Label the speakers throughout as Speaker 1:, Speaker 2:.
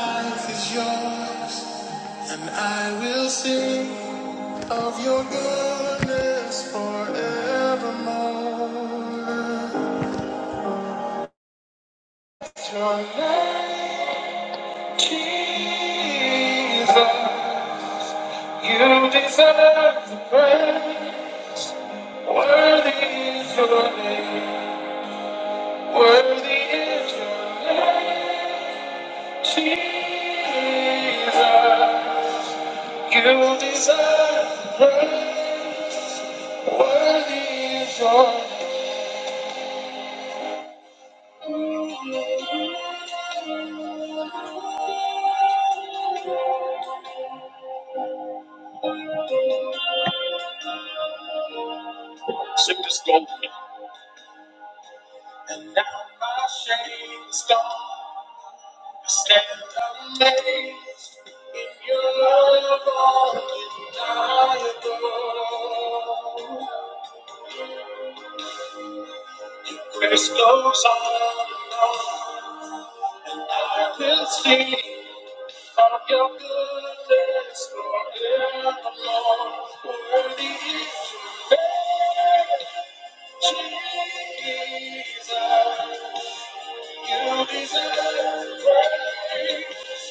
Speaker 1: Life is yours, and I will sing of your goodness forevermore. Your name, Jesus, you deserve the praise. Worthy is your name, worthy is your name, Jesus. You deserve the praise. Worthy is your name. And now my shame is gone. I stand amazed in your love, undeniable. Grace goes on and on, and I will sing of your goodness forevermore. Worthy is Jesus, you deserve praise.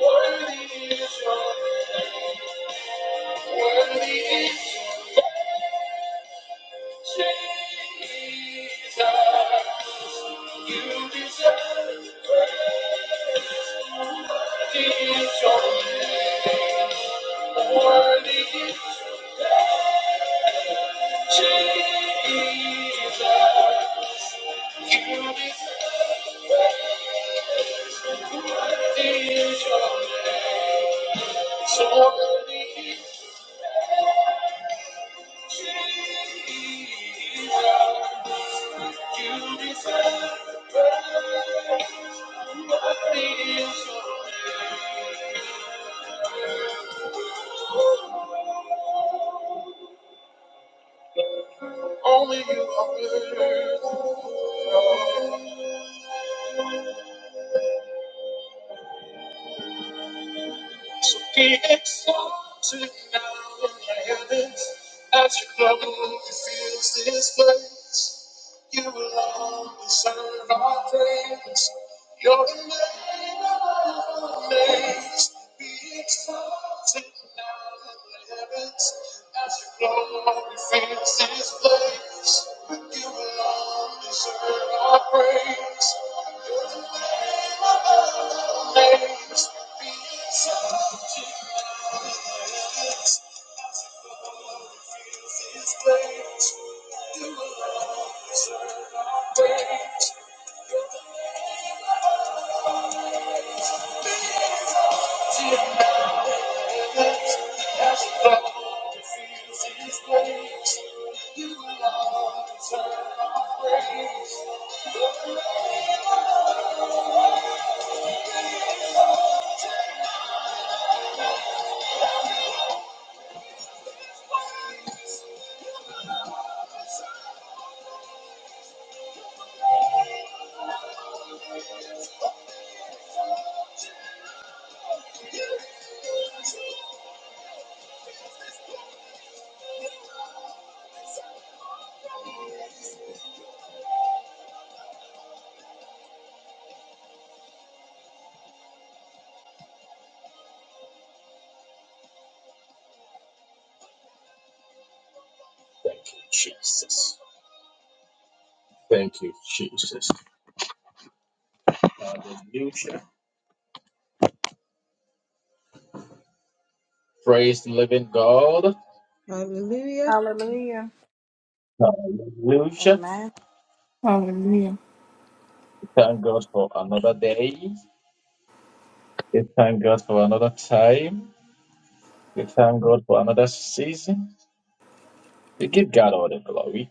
Speaker 1: Worthy is your name. Worthy is Jesus. You deserve it. Your Worthy is Jesus. You deserve it. Your So worthy is Jesus. You deserve Worthy is your Only you are worthy. So be exalted now in the heavens as your glory fills this place. You alone deserve our praise. Your name above names. Be exalted now in the heavens as your glory fills this place. You alone deserve our praise. Thank you, Jesus. Thank you, Jesus. Hallelujah. Praise the living God.
Speaker 2: Hallelujah.
Speaker 1: Hallelujah.
Speaker 2: Amen.
Speaker 3: Hallelujah.
Speaker 1: We thank God for another day. We thank God for another time. We thank God for another season. We give God all the glory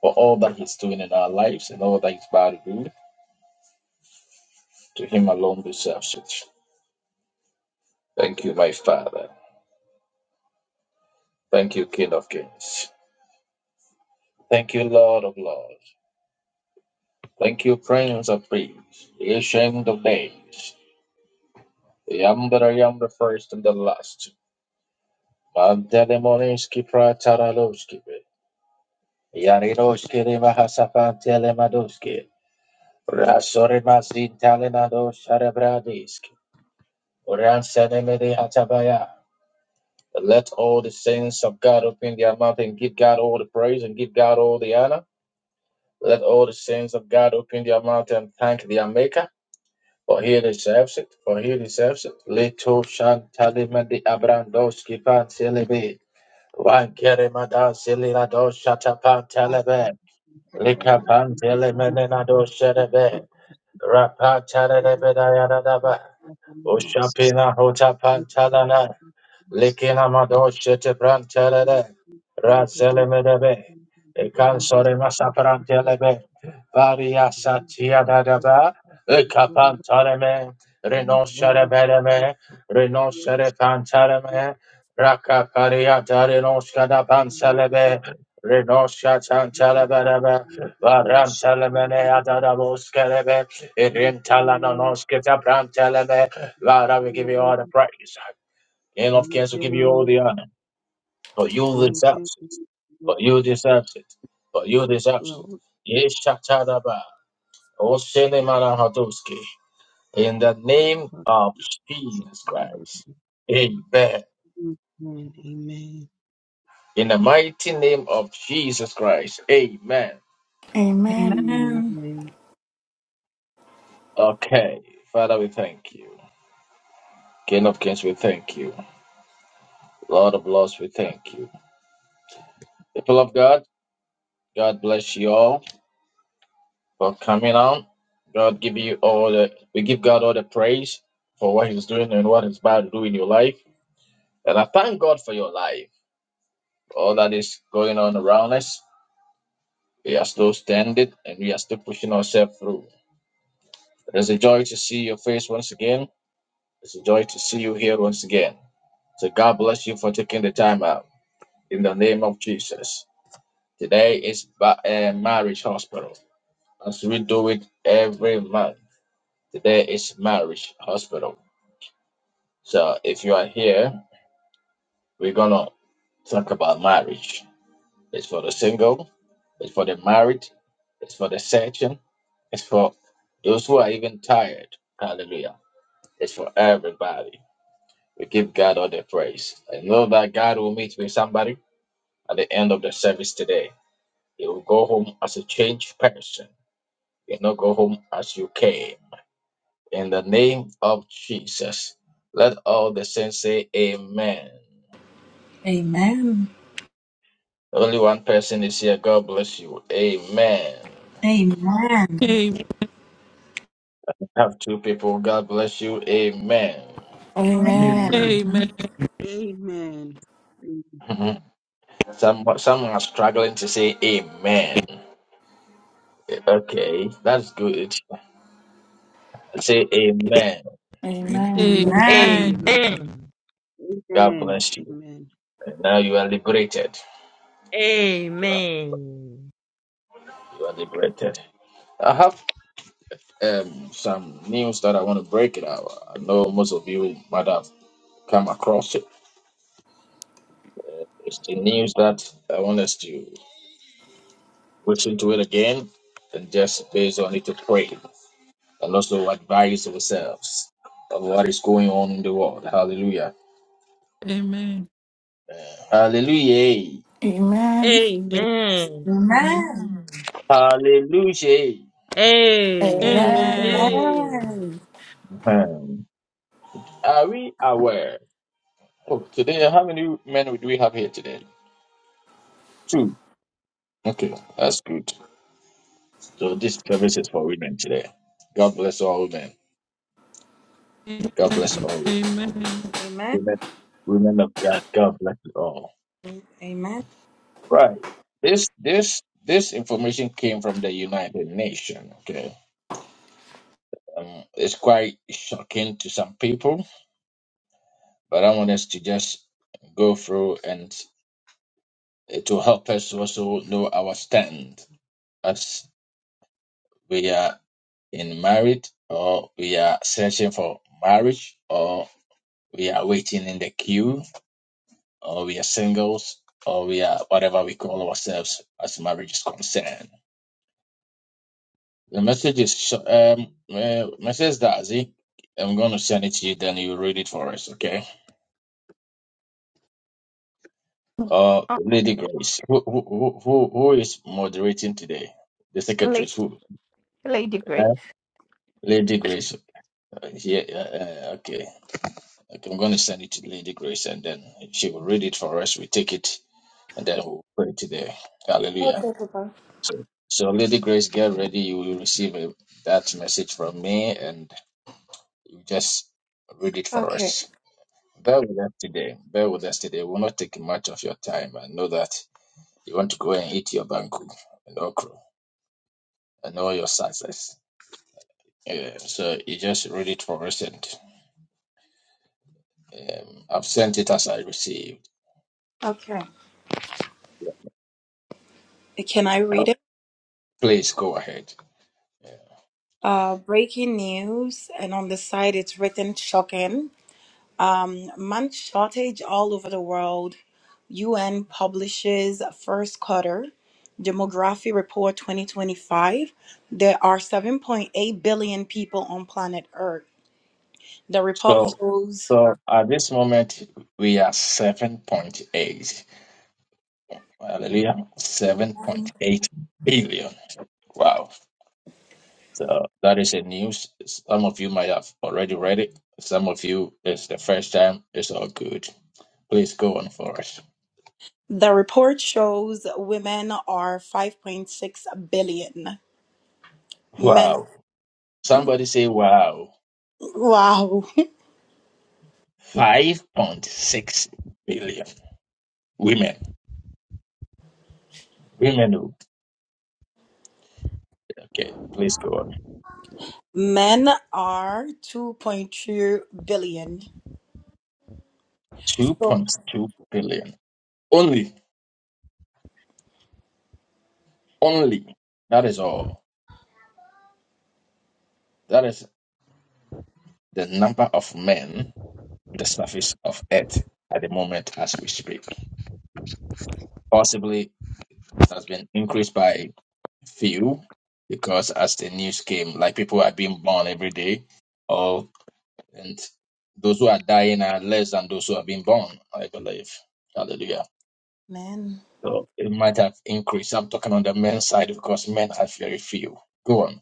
Speaker 1: for all that He's doing in our lives and all that He's about to do. To Him alone deserves it. Thank you, my Father. Thank you, King of Kings. Thank you, Lord of Lords. Thank you, Prince of Kings, the Ancient of Days. I am that I am the first and the last. Mandele Morinski Pratarovski. Yarinoshke de Mahasafan Telemadoske, Rasorimazin Talenado Sharebradisk, Ransanemede Hatabaya. Let all the saints of God open their mouth and give God all the praise and give God all the honor. Let all the saints of God open their mouth and thank their Maker, for he deserves it, for he deserves it. Leto Shantalemede Abrandoski Pantelebe, Wankeremada Zeliladoshatapan
Speaker 4: Thank you,
Speaker 1: Telebe.
Speaker 4: Lord.
Speaker 1: Lika
Speaker 4: Thank
Speaker 1: pantele menena do sherebe. Rapa tada de bedaya da daba. Ushapina hota pantala Likina madoshe te brantelede. Razele medebe. E cansore masaprantelebe. Varia satia dadaba. E capantareme. Rinoscere bedeme. Rinoscere pantareme. Raka pariata rinosca da pancelebe. Rinosca tantelebedebe. Varantelemene adadaboskelebe. Irintalanonosca brantelebe. Lord, we give you all the praise. Game of Kings will
Speaker 4: you,
Speaker 1: give you all the honor, but you deserve it. But you deserve it. But you deserve
Speaker 4: Lord.
Speaker 1: it. Yeshatadaba. Osenemanahadoski. In the name of Jesus
Speaker 4: Lord,
Speaker 1: Christ. Amen.
Speaker 4: Amen. Amen.
Speaker 1: In the mighty name of Jesus Christ. Amen.
Speaker 3: Amen.
Speaker 2: Amen.
Speaker 4: Amen.
Speaker 1: Okay. Father, we thank you. King of Kings, we thank you. Lord of Lords, we thank you. People of God, God bless you all. for coming on. God give you all the we give God all the praise for what He's doing and what He's about to do in your life. And I thank God for your life. All that is going on around us. We are still standing and we are still pushing ourselves through. It is a joy to see your face once again. It's a joy to see you here once again. So God bless you for taking the time out in the name of Jesus. Today is ba- uh, Marriage Hospital. As we do it every month, today is Marriage Hospital. So if you are here, we're gonna talk about marriage. It's for the single, it's for the married, it's for the searching, it's for those who are even tired. Hallelujah. It's for everybody. We give God all the praise. I know that God will meet with somebody at the end of the service today. You will go home as a changed person. You will not go home as you came. In the name of Jesus, let all the saints say amen.
Speaker 2: Amen.
Speaker 1: Only one person is here. God bless you. Amen.
Speaker 2: Amen.
Speaker 5: Amen.
Speaker 1: I Have two people. God bless you. Amen.
Speaker 2: Amen.
Speaker 6: Amen.
Speaker 7: Amen.
Speaker 3: Amen.
Speaker 2: Amen.
Speaker 5: Amen.
Speaker 4: Amen.
Speaker 1: Mhm. Some someone are struggling to say amen. Okay, that's good. Say amen.
Speaker 3: Amen.
Speaker 5: Amen.
Speaker 8: Amen.
Speaker 1: God bless
Speaker 4: Amen.
Speaker 1: you.
Speaker 4: Amen.
Speaker 1: And now you are liberated. You are,
Speaker 8: Amen.
Speaker 1: you are liberated. I have um, some news that I want to break it out. I know most of you might have come across it. It's the news that I want us to listen to it again and just based on it to pray. and also advise ourselves of what is going on in the world. Hallelujah.
Speaker 5: Amen. Amen.
Speaker 1: Hallelujah.
Speaker 3: Amen.
Speaker 8: Amen.
Speaker 1: Hallelujah.
Speaker 2: Amen.
Speaker 3: Amen.
Speaker 8: Amen.
Speaker 2: Amen.
Speaker 1: Um, Are we aware? Oh, today, how many men do we have here today? Two. Okay, that's good. So this service is for women today. God bless all women. God bless
Speaker 5: Amen.
Speaker 1: all
Speaker 5: Amen.
Speaker 2: Amen.
Speaker 1: women. Women of God. God bless you all.
Speaker 2: Amen.
Speaker 1: Right. This this this information came from the United Nations. Okay. Um, it's quite shocking to some people But I want us to just go through and it will help us also know our stand as we are in married or we are searching for marriage or we are waiting in the queue or we are singles or we are whatever we call ourselves as marriage is concerned. The message is sh- um uh, message Dazi. I'm going to send it to you, then you read it for us, okay?
Speaker 9: Oh,
Speaker 1: Uh, Lady
Speaker 9: okay.
Speaker 1: Grace, who who who who who is moderating today? The
Speaker 9: Late,
Speaker 1: secretaries who?
Speaker 9: late degree.
Speaker 1: Uh, Lady Grace. Uh, yeah. Uh, uh, okay. okay. I'm going to send it to Lady Grace, and then she will read it for us. We take it, and then we'll pray today. Hallelujah.
Speaker 2: Okay, Papa.
Speaker 1: So, so Lady Grace, get ready. You will receive a, that message from me, and you just read it for
Speaker 2: Okay.
Speaker 1: us. Bear with us today. Bear with us today. We'll not take much of your time. I know that you want to go and eat your banku and okra. and all your success. Yeah, so you just read it for recent. Um, I've sent it as I received.
Speaker 2: Okay. Can I
Speaker 1: Yeah.
Speaker 2: read it?
Speaker 1: Please go ahead. Yeah.
Speaker 2: Uh, breaking news, and on the side it's written shocking. Um, month shortage all over the world. UN publishes first quarter demography report 2025. There are 7.8 billion people on planet Earth. The report
Speaker 1: So,
Speaker 2: shows
Speaker 1: so at this moment we are seven point eight. Hallelujah, seven point
Speaker 2: the
Speaker 1: eight billion. Wow. So that is a news. Some of you might have already read it. Some of you it's the first time. It's all good. Please go on for us.
Speaker 2: report shows women are 5.6 billion. Men
Speaker 1: Wow. Somebody say wow.
Speaker 2: wow.
Speaker 1: 5.6 billion women. Women, who- okay, please go on.
Speaker 2: Men are 2.2 billion. So
Speaker 1: 2.2 billion. Only, only. That is all. That is the number of men on the surface of Earth at the moment as we speak. Possibly that's been increased by few because as the news came, like people are being born every day, or and those who are dying are less than those who are being born, I believe. Hallelujah.
Speaker 2: men
Speaker 1: So it might have increased. I'm talking on the men's side because men have very few. Go on.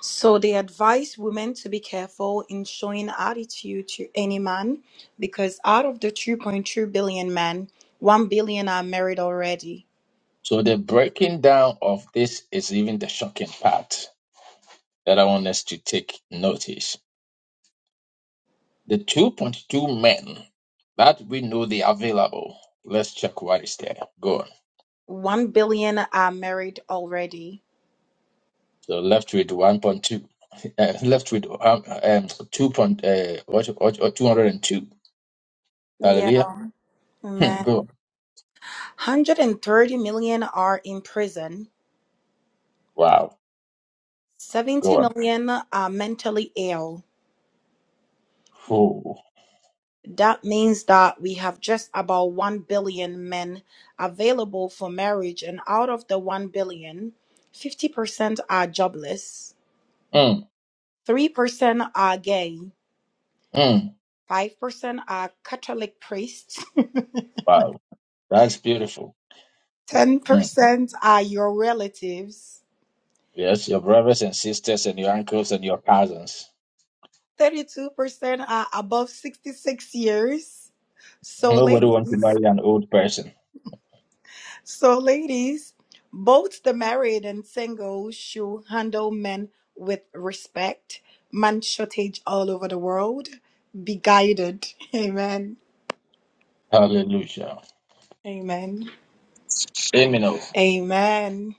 Speaker 2: So they advise women to be careful in showing attitude to any man because out of the 2.2 billion men, 1 billion are married already.
Speaker 1: So the breaking down of this is even the shocking part that I want us to take notice. The 2.2 men that we know they are available. Let's check what is there. Go on.
Speaker 2: 1 billion are married already.
Speaker 1: So left with 1.2. Uh, left with um, um, 2. Point, uh, what, what, what, 202.
Speaker 2: Yeah,
Speaker 1: Hallelujah. Hmm,
Speaker 2: man.
Speaker 1: Go on.
Speaker 2: 130 million are in prison.
Speaker 1: Wow. Go
Speaker 2: 70
Speaker 1: on.
Speaker 2: million are mentally ill.
Speaker 1: Ooh.
Speaker 2: That means that we have just about 1 billion men available for marriage, and out of the one billion, fifty percent are jobless,
Speaker 1: Mm,
Speaker 2: 3% are gay,
Speaker 1: mm.
Speaker 2: 5% are Catholic priests,
Speaker 1: Wow. That's beautiful. Mm.
Speaker 2: 10% are your relatives,
Speaker 1: Yes, your brothers and sisters and your uncles and your cousins.
Speaker 2: 32% are above 66 years. So,
Speaker 1: Nobody wants to
Speaker 2: ladies.
Speaker 1: marry an old person.
Speaker 2: So, ladies, both the married and single should handle men with respect. Man shortage all over the world. Be guided. Amen.
Speaker 1: Hallelujah.
Speaker 2: Amen.
Speaker 1: Amen. Oh,
Speaker 2: Amen.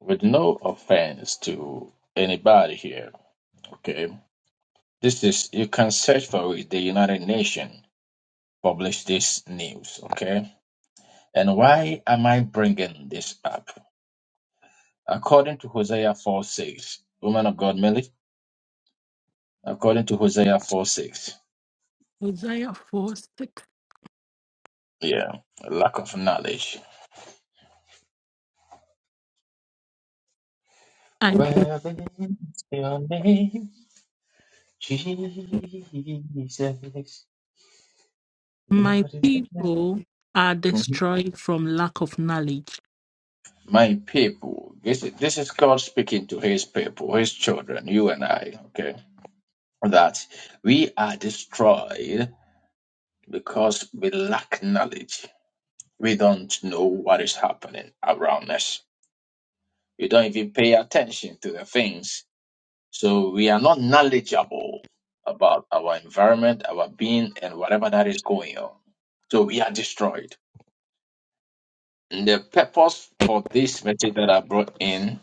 Speaker 1: With no offense to anybody here, okay? This is, you can search for it. The United Nations published this news, okay? And why am I bringing this up? According to Hosea 4 6. Woman of God, Millie. According to Hosea 4 6.
Speaker 5: Hosea 4 6.
Speaker 1: Yeah. Lack of knowledge.
Speaker 5: And
Speaker 1: Well, it's your name, Jesus. You deserve-
Speaker 5: my people are
Speaker 1: Mhm.
Speaker 5: destroyed from lack of knowledge.
Speaker 1: My people, this is, this is God speaking to his people, his children, you and I, okay? That we are destroyed because we lack knowledge. We don't know what is happening around us We don't even pay attention to the things. So we are not knowledgeable about our environment, our being, and whatever that is going on. So we are destroyed. And the purpose for this message that I brought in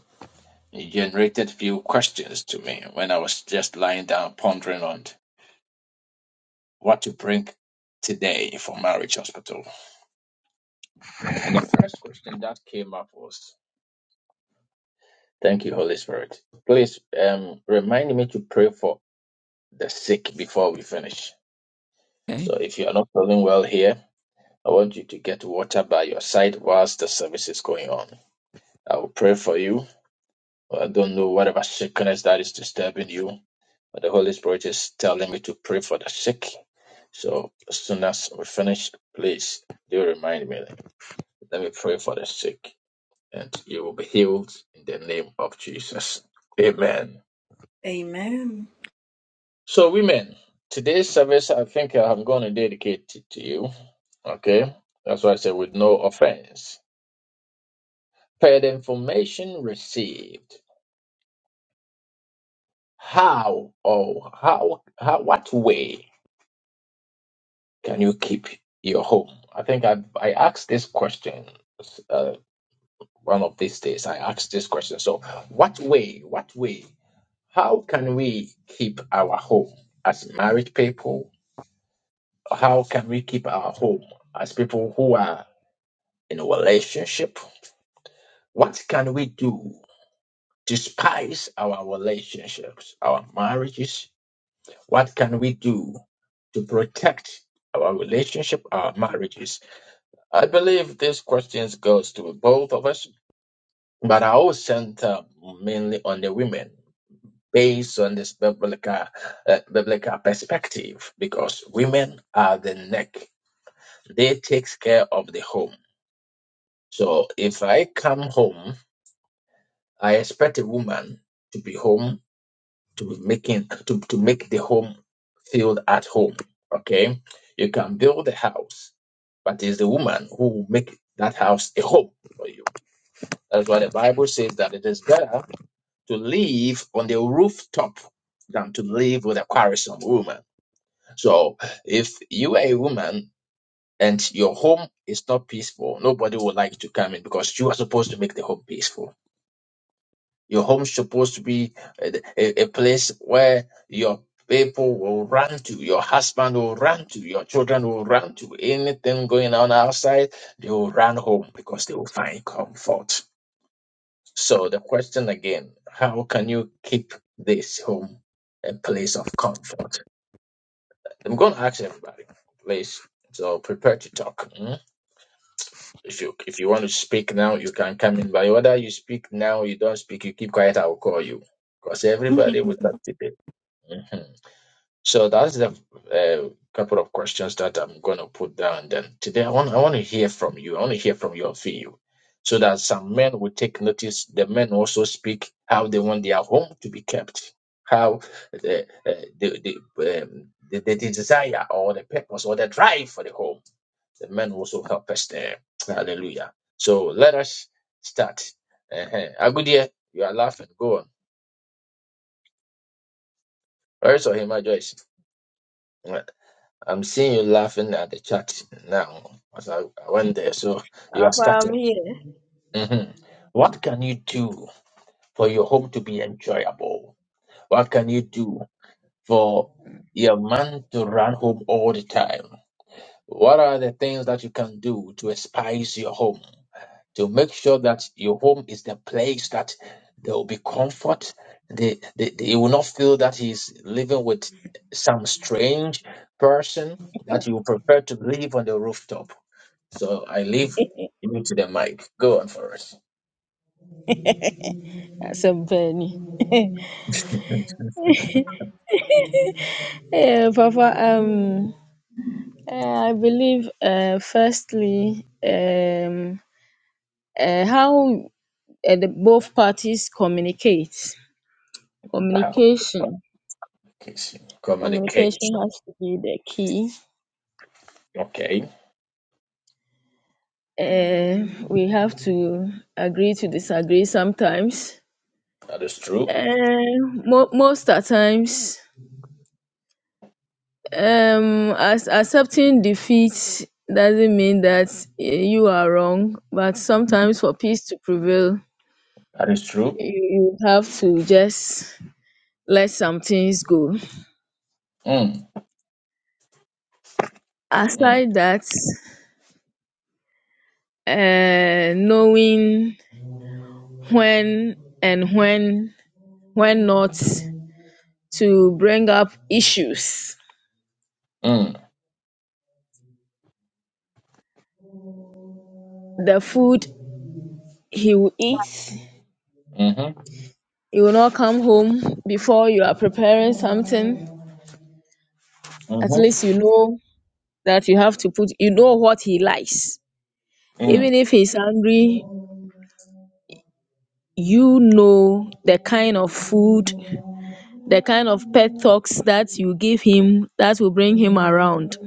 Speaker 1: it generated few questions to me when I was just lying down pondering on what to bring today for marriage hospital. And the first question that came up was Thank you, Holy Spirit. Please um, remind me to pray for the sick before we finish.
Speaker 5: Okay.
Speaker 1: So if you are not feeling well here, I want you to get water by your side whilst the service is going on. I will pray for you. I don't know whatever sickness that is disturbing you, but the Holy Spirit is telling me to pray for the sick. So as soon as we finish, please do remind me. Let me pray for the sick, and you will be healed in the name of Jesus. Amen.
Speaker 2: Amen.
Speaker 1: So, women, today's service I think I'm going to dedicate it to you. Okay, that's why I said with no offense. Per the information received, how or how, how what way can you keep your home? I think I I asked this question uh, one of these days. I asked this question. So, what way? What way? How can we keep our home as married people? How can we keep our home as people who are in a relationship? What can we do to spice our relationships, our marriages, What can we do to protect our relationship, our marriages? I believe these questions goes to both of us, but I will center mainly on the women based on this biblical, uh, biblical perspective because women are the neck. They takes care of the home. So if I come home, I expect a woman to be home to making to, to make the home feel at home. Okay, you can build a house, but it's the woman who will make that house a home for you. That's why the Bible says that it is better to live on the rooftop than to live with a quarrelsome woman. So if you are a woman and your home is not peaceful, nobody would like to come in because you are supposed to make the home peaceful. Your home's supposed to be a, a- a place where your people will run to, your husband will run to, your children will run to. Anything going on outside, they will run home because they will find comfort. So the question again, how can you keep this home a place of comfort? I'm going to ask everybody, please. So prepare to talk. Hmm? If you if you want to speak now, you can come in. But whether you speak now, you don't speak, you keep quiet, I will call you because everybody will participate. Mhm. So that's the uh, couple of questions that I'm going to put down. Then today, I want I want to hear from you. I want to hear from your view, so that some men will take notice. The men also speak how they want their home to be kept, how the uh, the the, um, the the desire or the purpose or the drive for the home. The men also help us there. Hallelujah. So let us start. Uh-huh. Agudia, you are laughing. Go on. Where's Ohima Joyce? I'm seeing you laughing at the chat now as I, I went there. So you are
Speaker 10: Papa, I'm
Speaker 1: starting.
Speaker 10: here.
Speaker 1: hmm What can you do for your home to be enjoyable? What can you do for your man to run home all the time? What are the things that you can do to spice your home? to make sure that your home is the place that there will be comfort. They, they, they will not feel that he's living with some strange person that you prefer to live on the rooftop. So I leave you to the mic. Go on for us.
Speaker 10: Asɛm pa ni. Hey, Papa, um, uh, I believe uh, firstly, um, uh, how uh, the both parties communicate.
Speaker 1: How
Speaker 10: Communication.
Speaker 1: communication.
Speaker 10: Communication
Speaker 1: Communication.
Speaker 10: has to be the key.
Speaker 1: Okay,
Speaker 10: Uh, we have to agree to disagree sometimes.
Speaker 1: that is true.
Speaker 10: Uh, mo- most at times. um as accepting defeat doesn't mean that eh, you are wrong but sometimes for peace to prevail
Speaker 1: That is true.
Speaker 10: you you have to just let some things go
Speaker 1: Mm, mm,
Speaker 10: aside that uh, knowing when and when when not to bring up issues
Speaker 1: mm,
Speaker 10: the food he will eat
Speaker 1: mm-hmm,
Speaker 10: he will not come home before you are preparing something at
Speaker 1: mm-hmm,
Speaker 10: least you know that you have to put you know what he likes
Speaker 1: mm,
Speaker 10: even if he's hungry you know the kind of food the kind of pet talks that you give him that will bring him around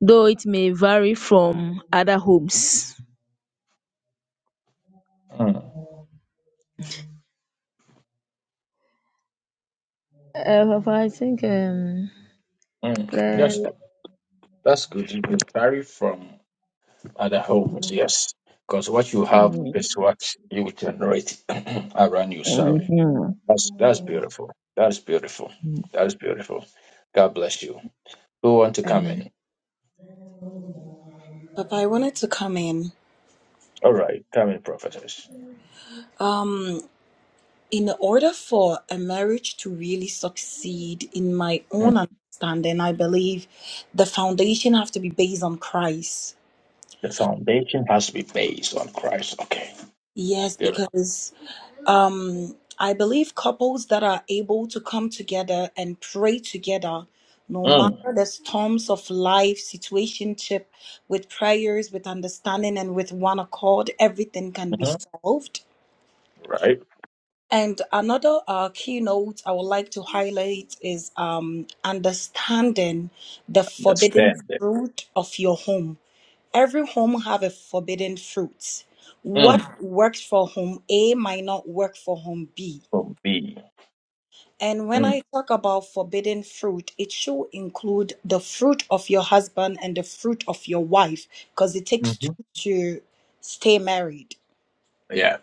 Speaker 10: though it may vary from other homes
Speaker 1: mm,
Speaker 10: uh, Papa, i think um
Speaker 1: mm.
Speaker 10: le-
Speaker 1: Yes, that's good. You can vary from Other homes, yes. Because what you have is what you generate around you. Sorry.
Speaker 10: Mhm.
Speaker 1: That's that's beautiful. That's beautiful. That's beautiful. God bless you. Who want to come in?
Speaker 10: amen
Speaker 2: Papa, I wanted to come in.
Speaker 1: All right, come in, prophetess.
Speaker 2: Um, in order for a marriage to really succeed, in my
Speaker 1: Mm.
Speaker 2: own understanding, I believe the foundation have to be based on Christ
Speaker 1: The foundation has to be based on Christ. Okay.
Speaker 2: Yes,
Speaker 1: Beautiful.
Speaker 2: because um, I believe couples that are able to come together and pray together, no
Speaker 1: Mm.
Speaker 2: matter the storms of life, situationship, with prayers, with understanding, and with one accord, everything can be
Speaker 1: hmm
Speaker 2: solved.
Speaker 1: Right.
Speaker 2: And another uh, keynote I would like to highlight is um, understanding the forbidden
Speaker 1: Understanding.
Speaker 2: fruit of your home Every home have a forbidden fruit.
Speaker 1: Mm.
Speaker 2: What works for home A might not work for home B.
Speaker 1: From B.
Speaker 2: And when
Speaker 1: Mm.
Speaker 2: I talk about forbidden fruit, it should include the fruit of your husband and the fruit of your wife, because it takes
Speaker 1: hmm
Speaker 2: two to stay married.
Speaker 1: Yeah.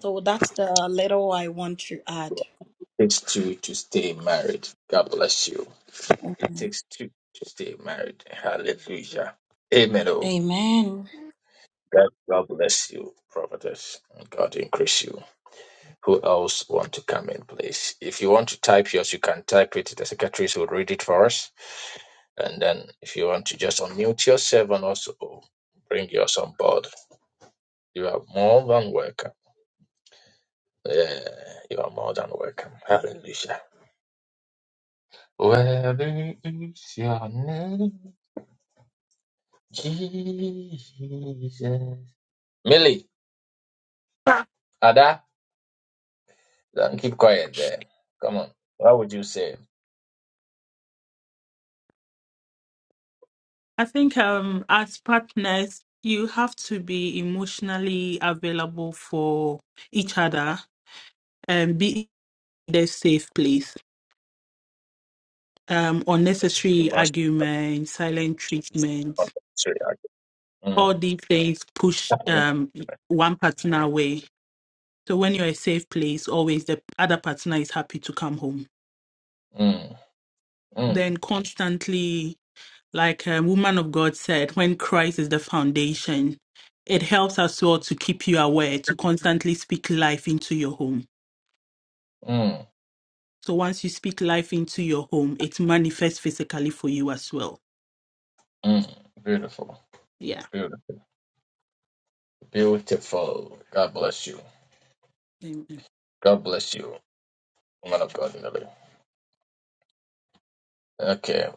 Speaker 2: So that's the little I want to add.
Speaker 1: Takes two to stay married. God bless you. It takes two to stay married. Hallelujah. Amen. oh.
Speaker 2: Amen.
Speaker 1: God, God bless you, prophetess. and God increase you. Who else want to come in, please? If you want to type yours, you can type it. The secretaries will read it for us. And then if you want to just unmute yourself and also bring yours on board, you are more than welcome. Yeah, you are more than welcome. Hallelujah. Worthy is your name, Jesus. Millie, Ada, don't keep quiet there. Come on. What would you say?
Speaker 5: I think um as partners you have to be emotionally available for each other and be in a safe place. Um unnecessary argument, silent treatment,
Speaker 1: Mm,
Speaker 5: all these things push
Speaker 1: mm,
Speaker 5: um one partner away. So when you're a safe place, always the other partner is happy to come home.
Speaker 1: mm,
Speaker 5: Then constantly, like a woman of God said, when Christ is the foundation, it helps as well to keep you aware, to constantly speak life into your home.
Speaker 1: mm,
Speaker 5: So once you speak life into your home, it manifests physically for you as well.
Speaker 1: mm. Beautiful,
Speaker 5: Yeah.
Speaker 1: beautiful, beautiful. God bless you.
Speaker 5: Amen.
Speaker 1: God bless you, woman of God, Nelly. Okay,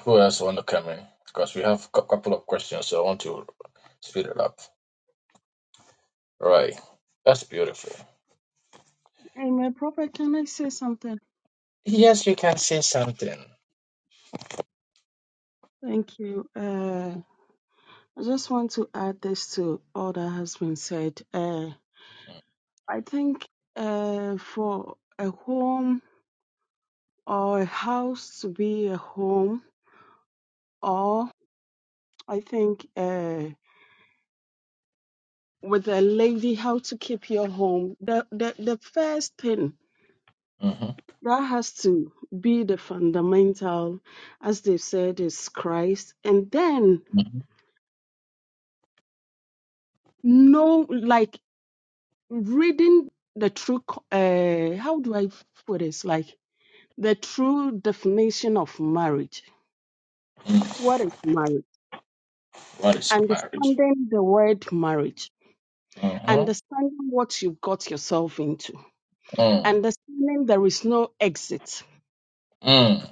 Speaker 1: who else want to come in? Because we have a couple of questions, so I want to speed it up. Right, that's beautiful.
Speaker 4: Amen. Prophet, can I say something?
Speaker 1: Yes, you can say something.
Speaker 4: Thank you. Uh, I just want to add this to all that has been said. Uh, I think uh, for a home or a house to be a home, or I think uh, with a lady, how to keep your home. The the, the first thing
Speaker 1: Mm-hmm.
Speaker 4: That has to be the fundamental, as they said, is Christ. And then,
Speaker 1: Mm-hmm.
Speaker 4: no, like reading the true, co- uh, how do I put this? Like the true definition of marriage.
Speaker 1: Mm.
Speaker 4: What is marriage?
Speaker 1: What is marriage?
Speaker 4: Understanding the word marriage,
Speaker 1: Mm-hmm.
Speaker 4: understanding what you got yourself into,
Speaker 1: Mm.
Speaker 4: understanding there is no exit,
Speaker 1: Mm.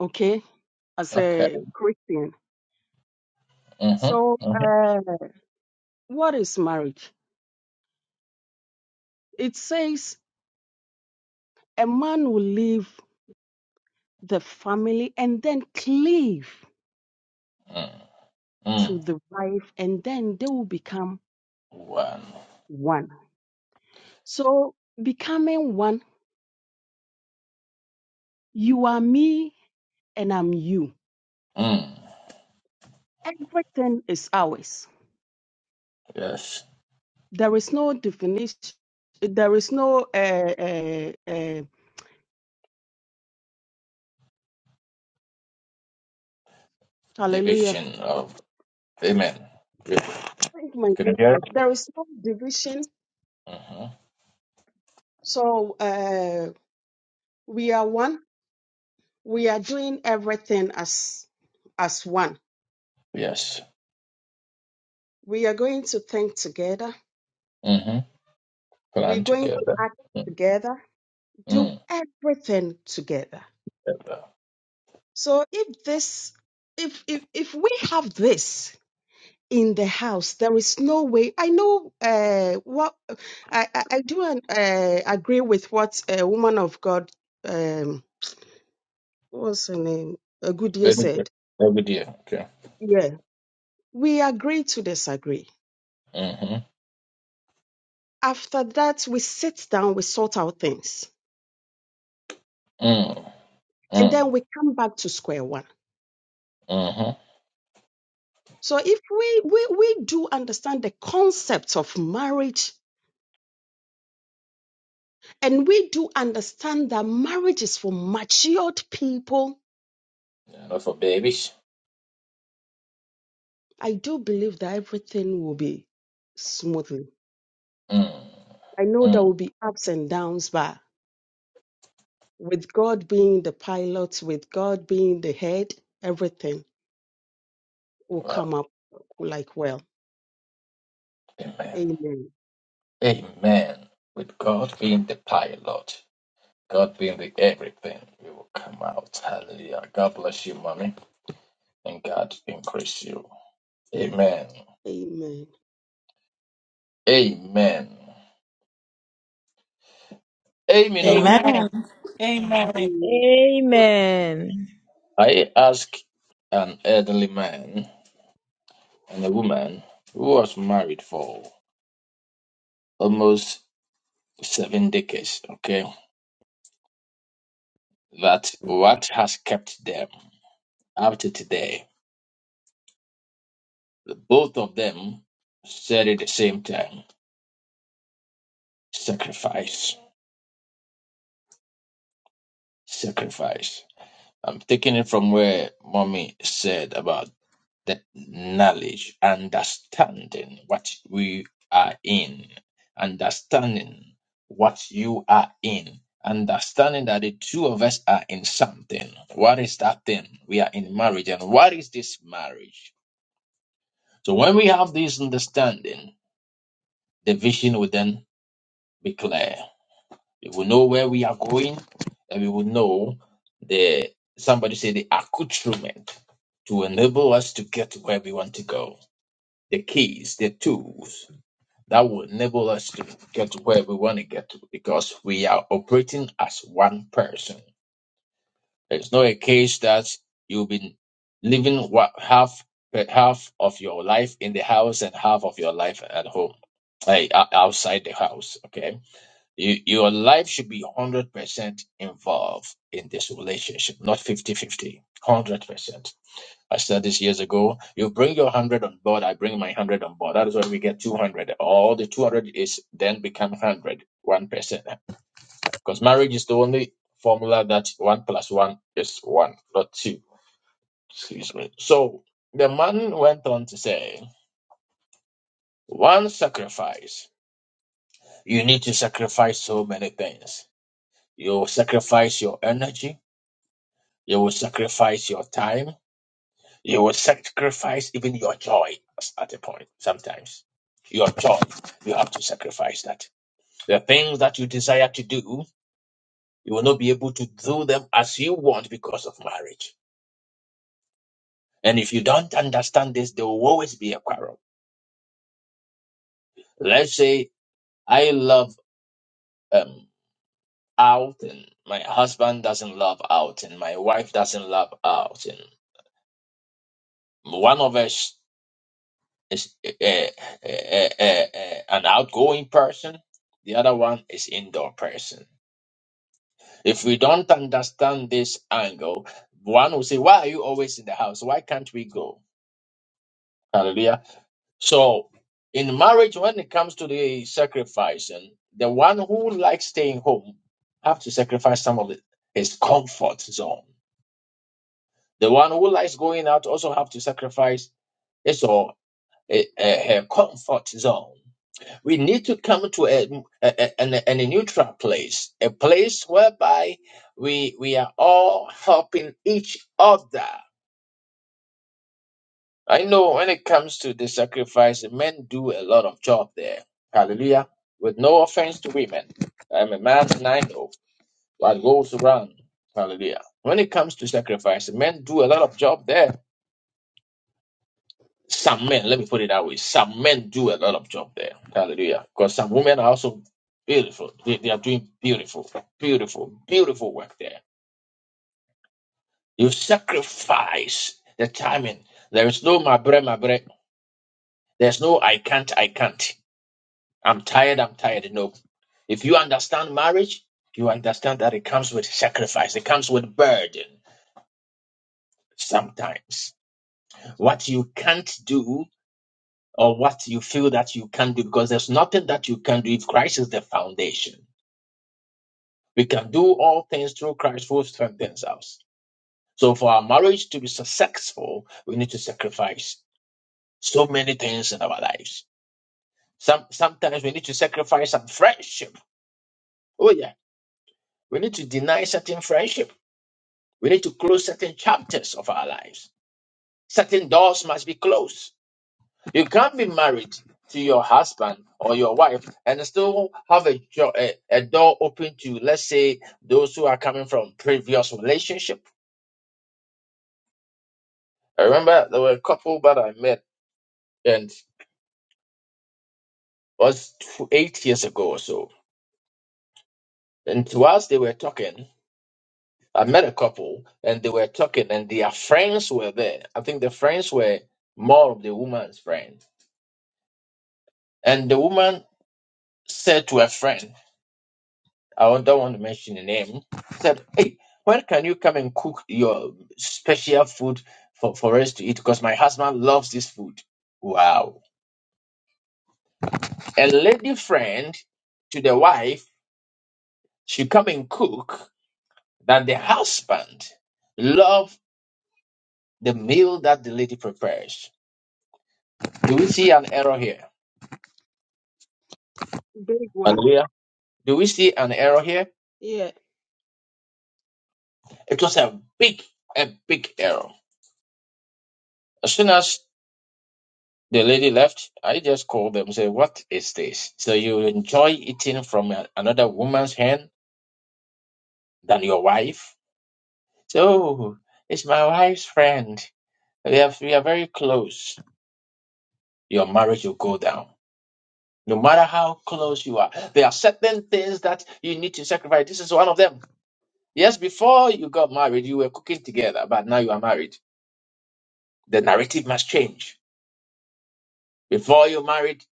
Speaker 4: okay, as
Speaker 1: Okay.
Speaker 4: a Christian. So,
Speaker 1: Mm-hmm. Mm-hmm.
Speaker 4: uh, what is marriage? It says a man will leave the family and then cleave
Speaker 1: Mm.
Speaker 4: to
Speaker 1: Mm.
Speaker 4: the wife, and then they will become
Speaker 1: One.
Speaker 4: one. So, becoming one, you are me and I'm you.
Speaker 1: Mm.
Speaker 4: Everything is ours.
Speaker 1: Yes,
Speaker 4: There is no definition, there is no, uh, uh, uh, hallelujah.
Speaker 1: division of women. Good.
Speaker 4: Thank my
Speaker 1: Can you hear?
Speaker 4: network. There is no division.
Speaker 1: me? Mm-hmm.
Speaker 4: So, uh, we are one. We are doing everything as as one.
Speaker 1: Yes.
Speaker 4: We are going to think together
Speaker 1: Mm-hmm.
Speaker 4: We're
Speaker 1: Plan
Speaker 4: going to
Speaker 1: together.
Speaker 4: act together,
Speaker 1: Mm-hmm.
Speaker 4: do
Speaker 1: Mm-hmm.
Speaker 4: everything together. So if this, if if if we have this in the house, there is no way. I know uh, what I I, I do uh, agree with what a woman of God, um, what's her name, a good year
Speaker 1: Very good.
Speaker 4: said.
Speaker 1: Every day. Okay.
Speaker 4: Yeah, we agree to disagree.
Speaker 1: Mm-hmm.
Speaker 4: After that, we sit down, we sort out things,
Speaker 1: Mm.
Speaker 4: and
Speaker 1: Mm.
Speaker 4: then we come back to square one.
Speaker 1: Mm-hmm.
Speaker 4: So if we, we, we do understand the concept of marriage and we do understand that marriage is for matured people,
Speaker 1: Not for babies.
Speaker 4: I do believe that everything will be smoothly.
Speaker 1: Mm.
Speaker 4: I know there
Speaker 1: Mm.
Speaker 4: will be ups and downs, but with God being the pilot, with God being the head, everything will
Speaker 1: Wow.
Speaker 4: come up like well.
Speaker 1: Amen.
Speaker 4: Amen.
Speaker 1: Amen. With God being the pilot, God being the everything, we will come out. Hallelujah. God bless you, mommy, and God increase you. Amen.
Speaker 4: Amen.
Speaker 1: Amen. Amen.
Speaker 2: Amen.
Speaker 1: Oh.
Speaker 5: Amen. Amen.
Speaker 4: Yeah.
Speaker 10: amen
Speaker 1: I asked an elderly man and a woman who was married for almost seven decades, okay, that what has kept them up to today. The Both of them said at the same time sacrifice, sacrifice. I'm taking it from where mommy said about the knowledge, understanding what we are in, understanding what you are in, understanding that the two of us are in something. What is that thing? We are in marriage, and what is this marriage? So when we have this understanding, the vision will then be clear. We will know where we are going, and we will know the somebody say the accoutrement to enable us to get to where we want to go. the keys, the tools that will enable us to get to where we want to get to because we are operating as one person. It's not a case that you've been living what, half half of your life in the house and half of your life at home, like o- outside the house. Okay, you, your life should be one hundred percent involved in this relationship, not 50 fifty, one hundred percent I said this years ago. You bring your hundred on board, I bring my hundred on board. That is why we get two hundred. All the two hundred is then become hundred, one percent. Because marriage is the only formula that one plus one is one, not two. Excuse me. So the man went on to say, one sacrifice. You need to sacrifice so many things. You will sacrifice your energy. You will sacrifice your time You will sacrifice even your joy at a point sometimes. Your joy, you have to sacrifice that. The things that you desire to do, you will not be able to do them as you want because of marriage. And if you don't understand this, there will always be a quarrel. Let's say I love um, out and my husband doesn't love out and my wife doesn't love out and one of us is uh, uh, uh, uh, uh, an outgoing person. The other one is indoor person. If we don't understand this angle, one will say, "Why are you always in the house? Why can't we go?" Hallelujah. So, in marriage, when it comes to the sacrificing, the one who likes staying home have to sacrifice some of his comfort zone. The one who likes going out also have to sacrifice his or uh, uh, her comfort zone. We need to come to a, a, a, a, a neutral place, a place whereby we we are all helping each other. I know when it comes to the sacrifice, men do a lot of job there. Hallelujah. With no offense to women. I'm a man and I know what goes around. Hallelujah. When it comes to sacrifice, men do a lot of job there. Some men, let me put it that way, some men do a lot of job there. Hallelujah. Because some women are also beautiful. They, they are doing beautiful, beautiful, beautiful work there. You sacrifice the timing. There is no my bread, my bread. There's no I can't, I can't. I'm tired, I'm tired. No. If you understand marriage, you understand that it comes with sacrifice, it comes with burden sometimes. What you can't do or what you feel that you can do because there's nothing that you can do if Christ is the foundation. We can do all things through Christ who strengthens us. So for our marriage to be successful, we need to sacrifice so many things in our lives. Some sometimes we need to sacrifice some friendship. Oh yeah, we need to deny certain friendship. We need to close certain chapters of our lives. Certain doors must be closed You can't be married to your husband or your wife and still have a, jo- a, a door open to, let's say, those who are coming from previous relationship. I remember there were a couple that I met and it was tw- eight years ago or so. And whilst they were talking, I met a couple and they were talking and their friends were there. I think the friends were more of the woman's friends, And the woman said to her friend, I won't- don't want to mention the name. Said, "Hey, when can you come and cook your special food for, for us to eat? Because my husband loves this food." Wow! A lady friend to the wife, she come and cook. That the husband love the meal that the lady prepares. Do we see an error here?
Speaker 4: Big one.
Speaker 1: Hallelujah. Do we see an error here?
Speaker 4: Yeah.
Speaker 1: It was a big, a big error. As soon as The lady left. I just called them say, What is this? So you enjoy eating from a- another woman's hand than your wife? So it's my wife's friend. We have we are very close. Your marriage will go down. No matter how close you are, there are certain things that you need to sacrifice. This is one of them. Yes, before you got married, you were cooking together, but now you are married. The narrative must change. Before you married,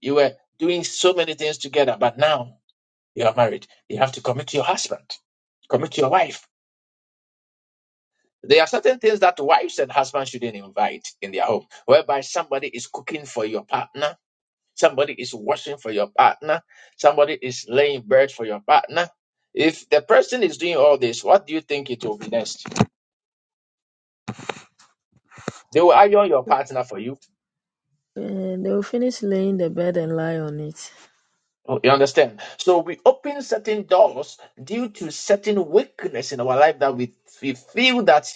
Speaker 1: you were doing so many things together, but now you are married, you have to commit to your husband, commit to your wife. There are certain things that wives and husbands shouldn't invite in their home, whereby somebody is cooking for your partner, somebody is washing for your partner, somebody is laying bird for your partner. If the person is doing all this, what do you think it will be next? They will iron your partner for you.
Speaker 10: Uh, they will finish laying the bed and lie on it
Speaker 1: Oh, You understand? So we open certain doors due to certain weakness in our life that we, we feel that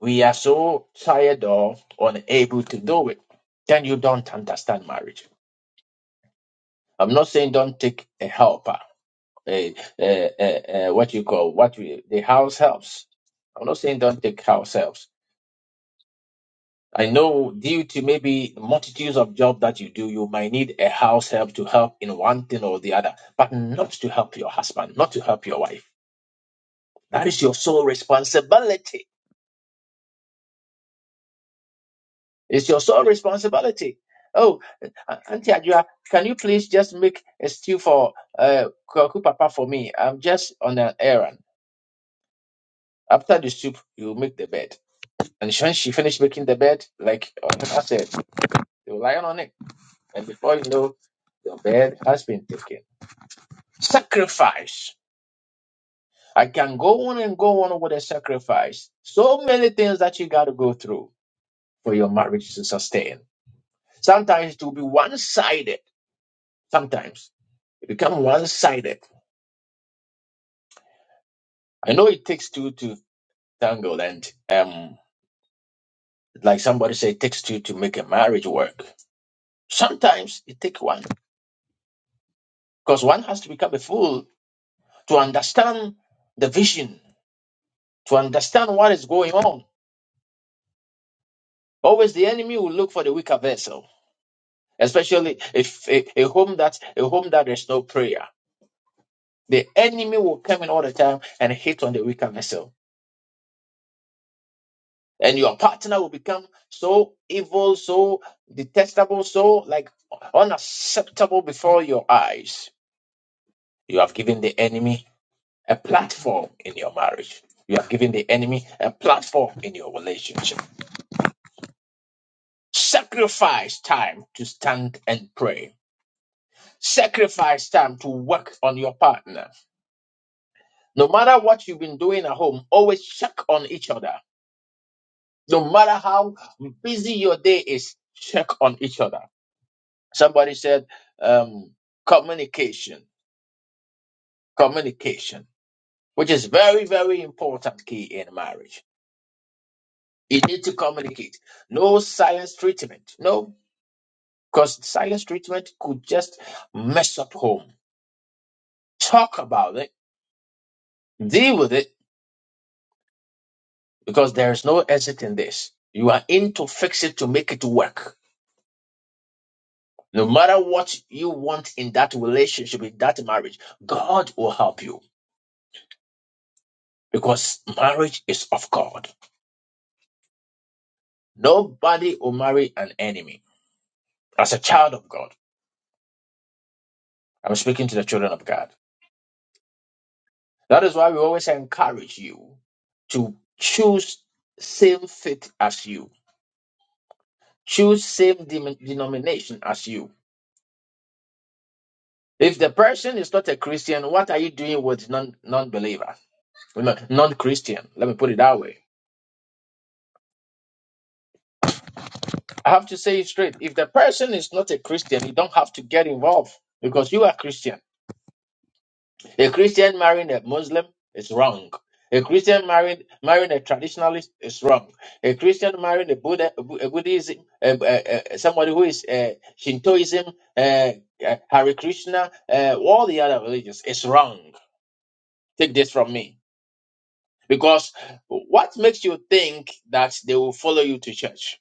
Speaker 1: We are so tired or unable to do it. Then you don't understand marriage. I'm not saying don't take a helper, a, a, a, a, what you call what we, the house helps. I'm not saying don't take house helps. I know due to maybe multitudes of job that you do, you might need a house help to help in one thing or the other, but not to help your husband, not to help your wife. That is your sole responsibility. It's your sole responsibility. Oh, uh, Auntie Adua, can you please just make a stew for uh, Kwaku Papa for me? I'm just on an errand. After the soup, you make the bed. And when she finished making the bed, like I said, you lie on it. And before you know, your bed has been taken. Sacrifice. I can go on and go on with a sacrifice. So many things that you got to go through for your marriage to sustain. Sometimes it will be one sided. Sometimes. It become one sided. I know it takes two to tangle, and um, like somebody said, it takes two to make a marriage work. Sometimes it takes one because one has to become a fool to understand the vision, to understand what is going on. Always the enemy will look for the weaker vessel, especially if a, a home that a home that there's no prayer. The enemy will come in all the time and hit on the weaker vessel and your partner will become so evil, so detestable, so like unacceptable before your eyes. You have given the enemy a platform in your marriage. You have given the enemy a platform in your relationship. Sacrifice time to stand and pray. Sacrifice time to work on your partner. No matter what you've been doing at home, always check on each other. No matter how busy your day is, check on each other Somebody said um, communication, communication, which is very, very important key in marriage. You need to communicate. No science treatment. No, because science treatment could just mess up home. Talk about it, deal with it, because there is no exit in this. You are in to fix it to make it work. No matter what you want in that relationship, in that marriage, God will help you because marriage is of God. Nobody will marry an enemy. As a child of God, I'm speaking to the children of God. That is why we always encourage you to choose same faith as you, choose same dem- denomination as you. If the person is not a Christian, what are you doing with non non believer, non Christian? Let me put it that way. I have to say it straight. If the person is not a Christian, you don't have to get involved because you are Christian. A Christian marrying a Muslim is wrong. A Christian marrying marrying a traditionalist is wrong. A Christian marrying a Buddha, a Buddhism, a, a, a, somebody who is uh, Shintoism, uh, uh, Hare Krishna, uh, all the other religions is wrong. Take this from me, because what makes you think that they will follow you to church?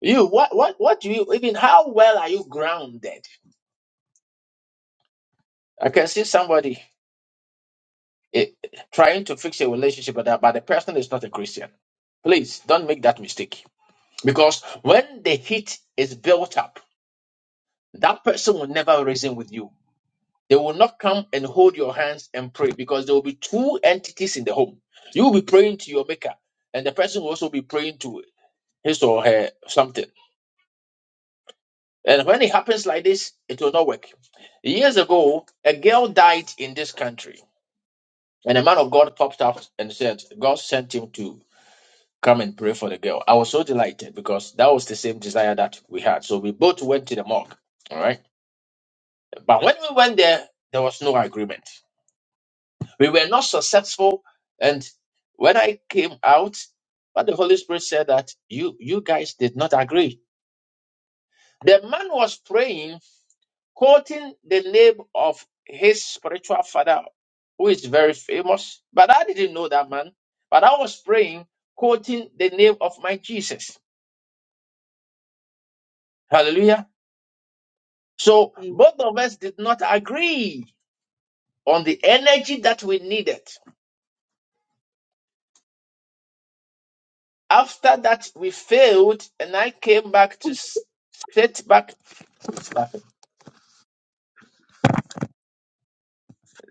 Speaker 1: You what what what do you even? How well are you grounded? I can see somebody. it, trying to fix a relationship with that, but the person is not a Christian. Please don't make that mistake. Because when the heat is built up, that person will never reason with you. They will not come and hold your hands and pray because there will be two entities in the home. You will be praying to your maker, and the person will also be praying to his or her something. And when it happens like this, it will not work. Years ago, a girl died in this country, and a man of God popped up and said, God sent him to come and pray for the girl. I was so delighted because that was the same desire that we had. So we both went to the morgue. All right. But when we went there, there was no agreement. We were not successful. And when I came out, but the Holy Spirit said that you you guys did not agree. The man was praying, quoting the name of his spiritual father, who is very famous. But I didn't know that man. But I was praying, quoting the name of my Jesus. Hallelujah. So
Speaker 4: Am-
Speaker 1: both of us did not agree on the energy that we needed. After that, we failed, and I came back to s- sit back.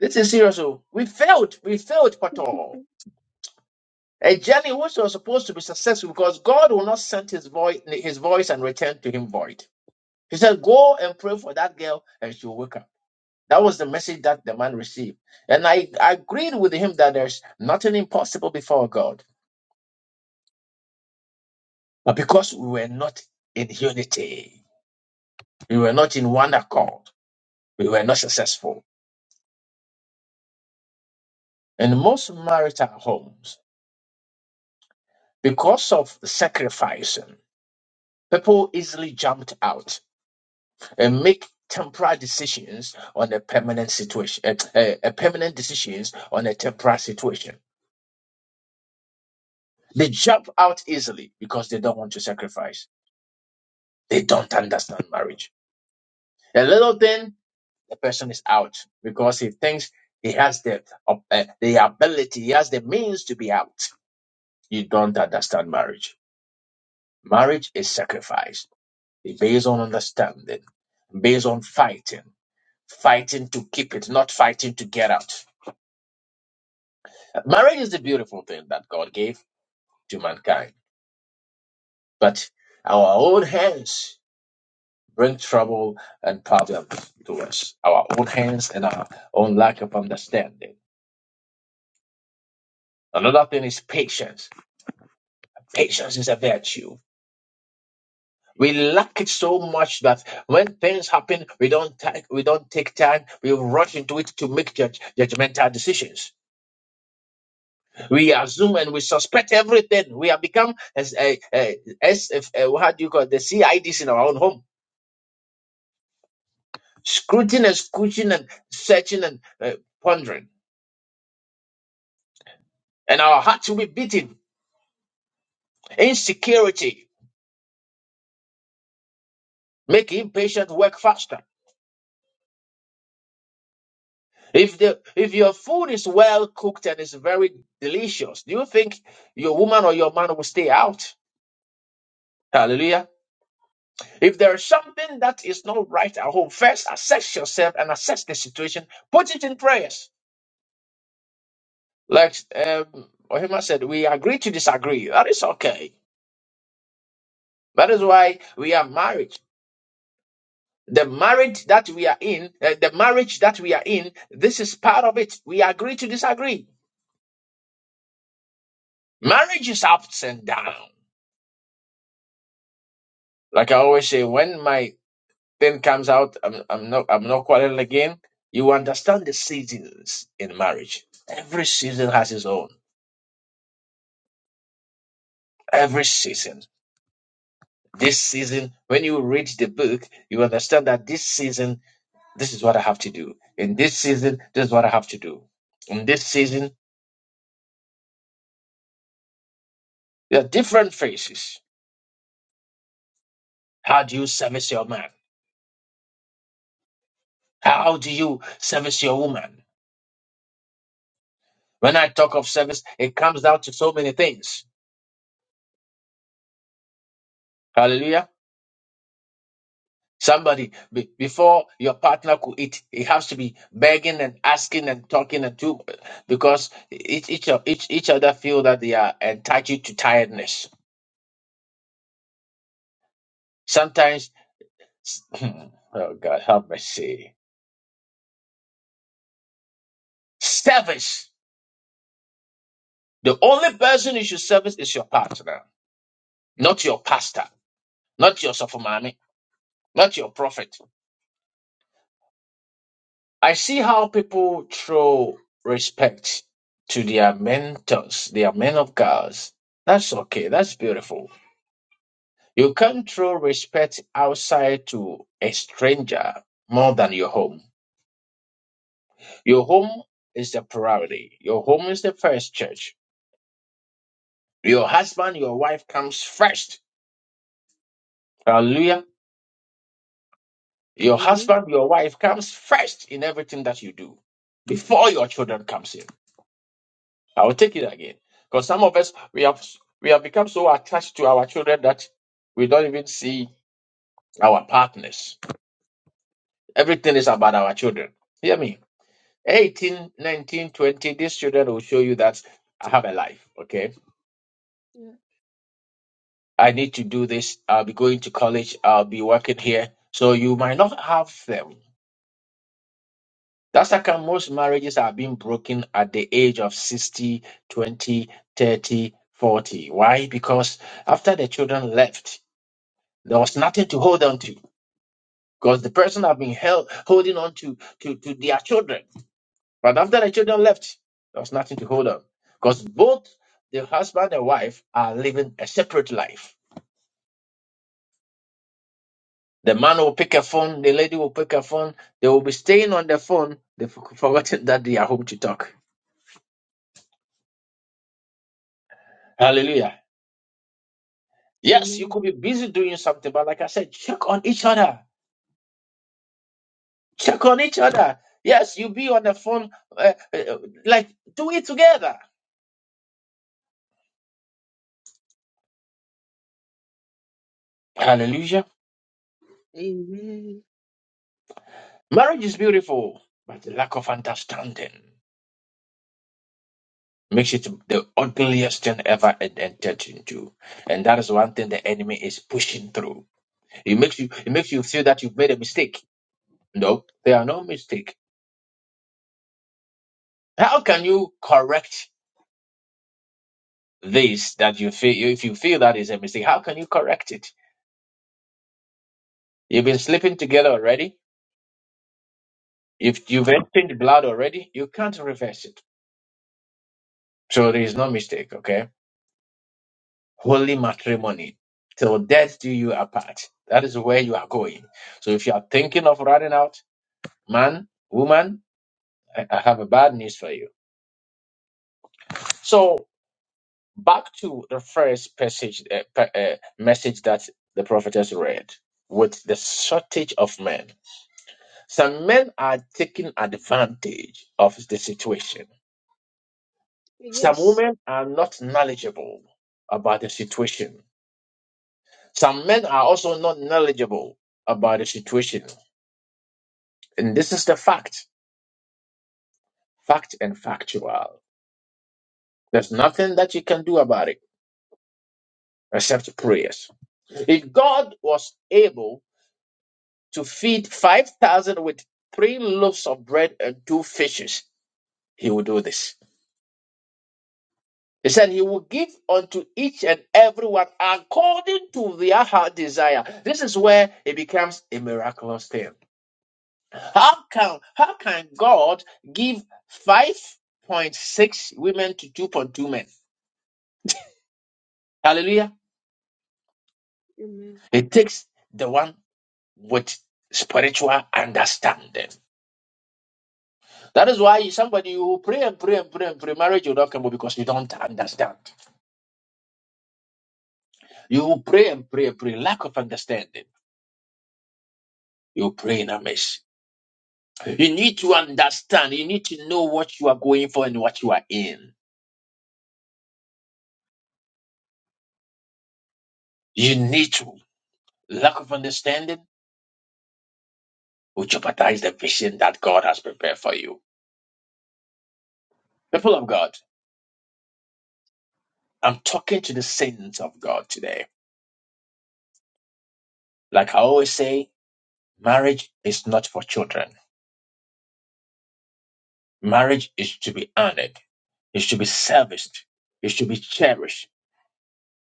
Speaker 1: This is serious. oh. We failed. We failed, Pato. A journey which was supposed to be successful because God will not send his voice, his voice and return to him void. He said, Go and pray for that girl and she'll wake up. That was the message that the man received. And I agreed with him that there's nothing impossible before God. But because we were not in unity, we were not in one accord, we were not successful. And most marital homes, because of sacrificing, people easily jumped out and make temporary decisions on a permanent situation, eh, eh, a permanent decisions on a temporary situation. They jump out easily because they don't want to sacrifice. They don't understand marriage. A little thing the person is out because he thinks he has the op- uh, the ability, he has the means to be out. You don't understand marriage. Marriage is sacrifice It's based on understanding, based on fighting, fighting to keep it, not fighting to get out. Marriage is the beautiful thing that God gave to mankind, but our own hands bring trouble and problems to us. Our own hands and our own lack of understanding. Another thing is patience. Patience is a virtue We lack it so much that when things happen, we don't take, we don't take time. We rush into it to make judge, judgmental decisions. We assume and we suspect everything. We have become as a, a, as if, uh, how do you call it? the CIDs in our own home, scrutinizing and scrutiny and searching and uh, pondering, and our hearts will be beating. Insecurity make impatient work faster. If the if your food is well cooked and is very delicious, do you think your woman or your man will stay out? Hallelujah. If there is something that is not right at home, first assess yourself and assess the situation. Put it in prayers. Like um, Ohima said, we agree to disagree. That is okay. That is why we are married. The marriage that we are in, uh, the marriage that we are in, this is part of it. We agree to disagree. Marriage is ups and down. Like I always say, when my thing comes out, I'm, I'm not I'm not quarreling again. You understand the seasons in marriage. Every season has its own. Every season. This season, when you read the book, you understand that this season, this is what I have to do. In this season, this is what I have to do. In this season, there are different phases. How do you service your man? How do you service your woman? When I talk of service, it comes down to so many things. Hallelujah. Somebody, be, before your partner could eat, it has to be begging and asking and talking and too, because each each of- each each other feel that they are entitled to tiredness. Sometimes, oh God, have mercy. Service. The only person you should service is your partner, not your pastor, not your sophamami, not your prophet. I see how people throw respect to their mentors, their men of God. That's okay. That's beautiful. You can't throw respect outside to a stranger more than your home. Your home is the priority. Your home is the first church. Your husband, your wife comes first. Hallelujah. Your
Speaker 4: Amen.
Speaker 1: husband, your wife comes first in everything that you do before your children comes in. I will take it again because some of us we have we have become so attached to our children that we don't even see our partners. Everything is about our children. Hear me. 18, 19, 20, these children will show you that I have a life, okay?
Speaker 4: Yeah.
Speaker 1: I need to do this. I'll be going to college. I'll be working here. So you might not have them. That's how come most marriages are being broken at the age of 60, 20, 30, 40. Why? Because after the children left, there was nothing to hold on to because the person have been held, holding on to, to, to their children. But after the children left, there was nothing to hold on. Because both the husband and wife are living a separate life. The man will pick a phone, the lady will pick a phone, they will be staying on the phone, they've forgotten that they are home to talk. Hallelujah. Yes, you
Speaker 4: Amen.
Speaker 1: could be busy doing something, but like I said, check on each other. Check on each other. Yes, you be on the phone, uh, uh, like do it together. Hallelujah.
Speaker 4: Amen.
Speaker 1: Marriage is beautiful, but the lack of understanding. makes it the ugliest thing ever it entered into. And that is one thing the enemy is pushing through. It makes you it makes you feel that you've made a mistake. No, there are no mistake. How can you correct this that you feel if you feel that is a mistake, how can you correct it? You've been sleeping together already. If you've emptied blood already, you can't reverse it. So there is no mistake, okay? Holy matrimony. Till death do you apart. That is where you are going. So if you are thinking of running out, man, woman, I, I have a bad news for you. So back to the first passage, uh, pa- uh, message that the prophetess read with the shortage of men. Some men are taking advantage of the situation. Some
Speaker 4: Yes.
Speaker 1: women are not knowledgeable about the situation. Some men are also not knowledgeable about the situation. And this is the fact, fact and factual. There's nothing that you can do about it except prayers. If God was able to feed 5,000 with three loaves of bread and two fishes, he will do this. He said he will give unto each and everyone according to their heart desire. This is where it becomes a miraculous thing. How can how can God give 5.6 women to 2.2 men? Hallelujah.
Speaker 4: Amen.
Speaker 1: It takes the one with spiritual understanding. That is why somebody you will pray and pray and pray and pray. Marriage will not come up because you don't understand. You will pray and pray and pray. Lack of understanding. You pray in a mess. You need to understand. You need to know what you are going for and what you are in. You need to. Lack of understanding will jeopardize the vision that God has prepared for you. People of God, I'm talking to the saints of God today. Like I always say, marriage is not for children. Marriage is to be honored, is to be serviced, is to be cherished.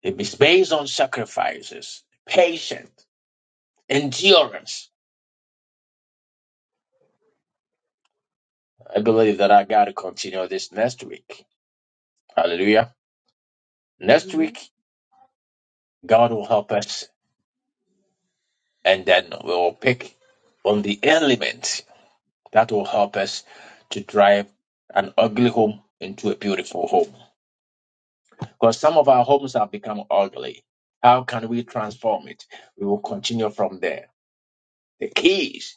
Speaker 1: It is based on sacrifices, patience, endurance. I believe that I got to continue this next week. Hallelujah. Next week,
Speaker 4: Amen.
Speaker 1: God will help us, and then we will pick on the element that will help us to drive an ugly home into a beautiful home. Because some of our homes have become ugly. How can we transform it? We will continue from there. the keys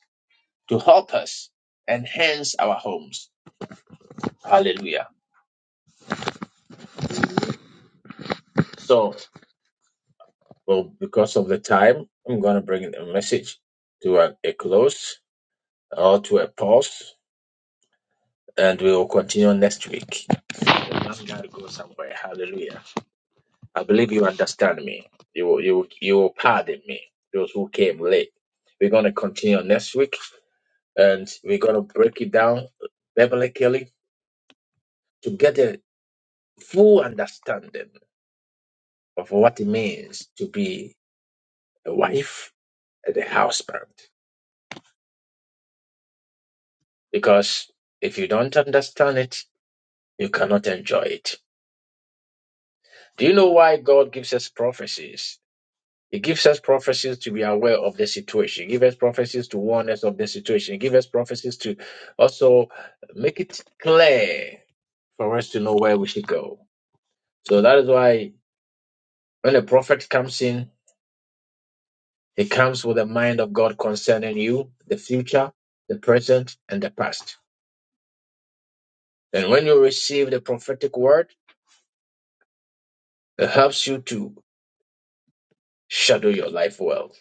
Speaker 1: to help us enhance our homes. Hallelujah.
Speaker 4: Amen.
Speaker 1: So, well, because of the time, I'm going to bring the message to a, a close or to a pause, and we will continue next week. I'm going to go somewhere. Hallelujah. I believe you understand me. You will, you will, you will pardon me, those who came late. We're going to continue next week, and we're going to break it down biblically to get a full understanding of what it means to be a wife and a husband. Because if you don't understand it, you cannot enjoy it. Do you know why God gives us prophecies? He gives us prophecies to be aware of the situation. He gives us prophecies to warn us of the situation. He gives us prophecies to also make it clear for us to know where we should go. So that is why when a prophet comes in, he comes with the mind of God concerning you, the future, the present, and the past. And when you receive the prophetic word, it helps you to shadow your life well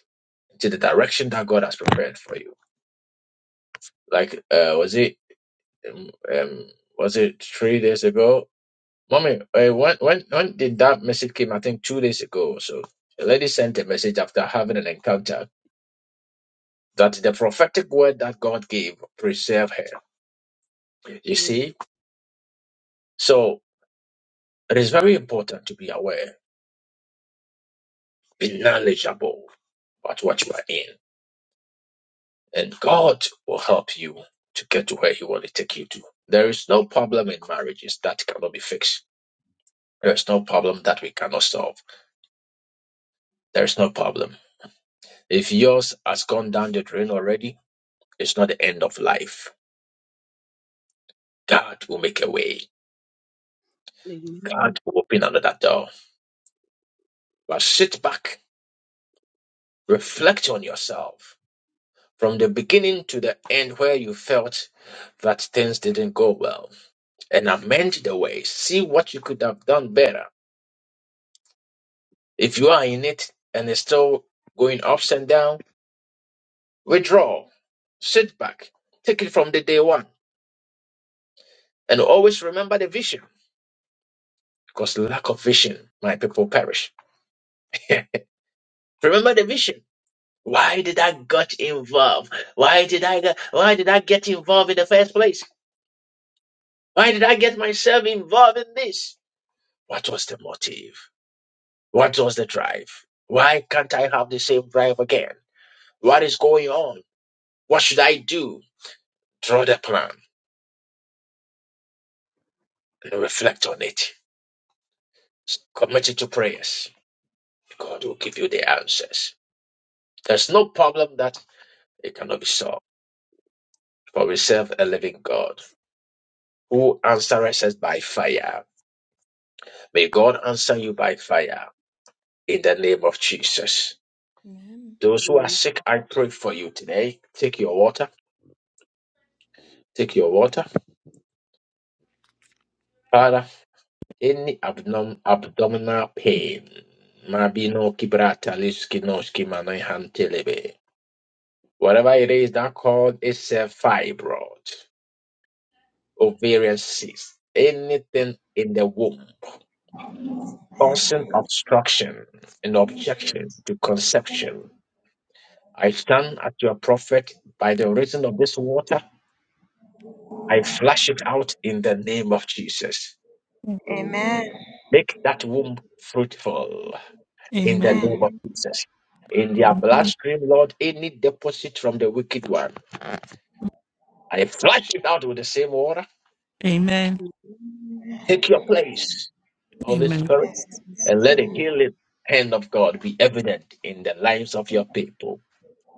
Speaker 1: to the direction that God has prepared for you. Like, uh, was it, um, um, was it three days ago? Mommy, uh, when, when, when did that message came? I think two days ago or so. A lady sent a message after having an encounter that the prophetic word that God gave preserved her. You see? So it is very important to be aware, be knowledgeable about what you are in. and God will help you to get to where He wants to take you to. There is no problem in marriages that cannot be fixed. There is no problem that we cannot solve. There is no problem. If yours has gone down the drain already, it's not the end of life. God will make a way.
Speaker 4: Amen.
Speaker 1: God will open another door. But sit back, reflect on yourself. From the beginning to the end, where you felt that things didn't go well, and amend the way. See what you could have done better If you are in it and it's still going ups and down, withdraw, sit back, take it from the day one, and always remember the vision. Because lack of vision, my people perish. remember the vision. Why did I got involved? Why did I get, why did I get involved in the first place? Why did I get myself involved in this? What was the motive? What was the drive? Why can't I have the same drive again? What is going on? What should I do? Draw the plan and reflect on it. Commit it to prayers. God will give you the answers. There's no problem that it cannot be solved. For we serve a living God who answers us by fire. May God answer you by fire in the name of Jesus.
Speaker 2: Amen.
Speaker 1: Those who are
Speaker 4: Amen.
Speaker 1: sick, I pray for you today. Take your water. Take your water. Father, any abdom- abdominal pain. Mabino kibrata liskinoski manoihantelebe. Whatever it is that called itself fibroid, ovarian cyst, anything in the womb causing obstruction and objection to conception. I stand at your prophet by the reason of this water. I flush it out in the name of Jesus.
Speaker 4: Amen.
Speaker 1: Make that womb fruitful in the
Speaker 5: Amen.
Speaker 1: name of
Speaker 4: Amen.
Speaker 1: Jesus. In their bloodstream, Lord, any deposit from the wicked one, I flush it out with the same water.
Speaker 5: Amen.
Speaker 4: Amen. Amen.
Speaker 1: Take your place, Holy
Speaker 5: Amen.
Speaker 1: Spirit and let the healing hand of God be evident in the lives of your people.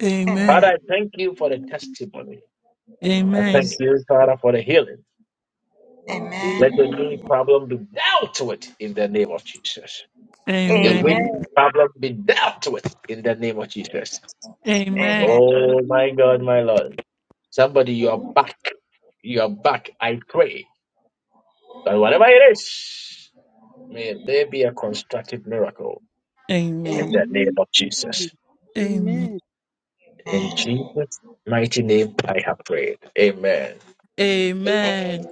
Speaker 5: Amen.
Speaker 1: Father, I thank you for the testimony. I
Speaker 5: Amen.
Speaker 1: thank you, Father, for the healing.
Speaker 4: Amen.
Speaker 1: Let the knee problem be dealt with in the name of Jesus. The
Speaker 4: Amen.
Speaker 1: weight
Speaker 5: Amen.
Speaker 4: Amen.
Speaker 1: problem be dealt with in the name of Jesus.
Speaker 5: Amen.
Speaker 1: Oh my God, my Lord. Somebody, you are back. You are back. I pray that whatever it is, may there be a constructive miracle in
Speaker 5: Amen.
Speaker 1: the name
Speaker 4: Amen.
Speaker 1: of Jesus.
Speaker 5: Amen.
Speaker 1: In Jesus' mighty name, I have prayed. Amen.
Speaker 5: Amen.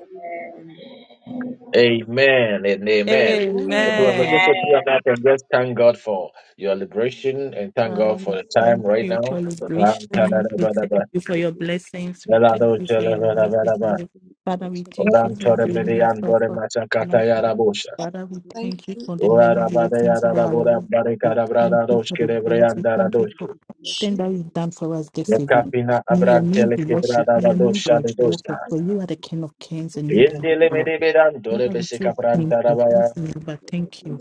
Speaker 1: Amen and amen. So we
Speaker 5: Amen.
Speaker 1: just open your mouth and just thank God for your liberation and thank
Speaker 5: Father,
Speaker 1: God for
Speaker 5: we
Speaker 1: the time
Speaker 5: thank
Speaker 1: right
Speaker 5: you
Speaker 1: now.
Speaker 5: for liberation.
Speaker 1: Ram
Speaker 5: We thank
Speaker 1: tadadabadaba,
Speaker 5: you for your blessings. We
Speaker 1: lelado
Speaker 5: thank you for your mercies,
Speaker 1: jelebadabadaba,
Speaker 5: Lord. Father, we thank you
Speaker 1: oram
Speaker 5: for doing
Speaker 1: todemidi
Speaker 5: yourself
Speaker 1: andore
Speaker 5: for
Speaker 1: masakata
Speaker 5: us.
Speaker 1: yarabosha,
Speaker 5: Father, we
Speaker 2: Thank
Speaker 5: thank you
Speaker 2: you.
Speaker 5: for the many
Speaker 1: orarabade
Speaker 5: blessings of our
Speaker 1: yararabodam
Speaker 5: life. We thank you
Speaker 1: barikadabradadadosh
Speaker 5: for the grace. We thank you
Speaker 1: kirebreyandaradadoshki,
Speaker 5: for everything
Speaker 2: Jesus.
Speaker 5: that you've done for us this evening.
Speaker 1: nekapina
Speaker 5: May your name
Speaker 1: abrantele
Speaker 5: be worshipped. May your name be
Speaker 1: kibradadadosha
Speaker 5: exalted.
Speaker 1: dedoshka,
Speaker 5: For you are the King of Kings and you are the Lord.
Speaker 1: Yendele
Speaker 5: of Lords.
Speaker 1: medebe dan dole
Speaker 5: Father, we
Speaker 1: bese
Speaker 5: say thank you. Thank you, but thank you.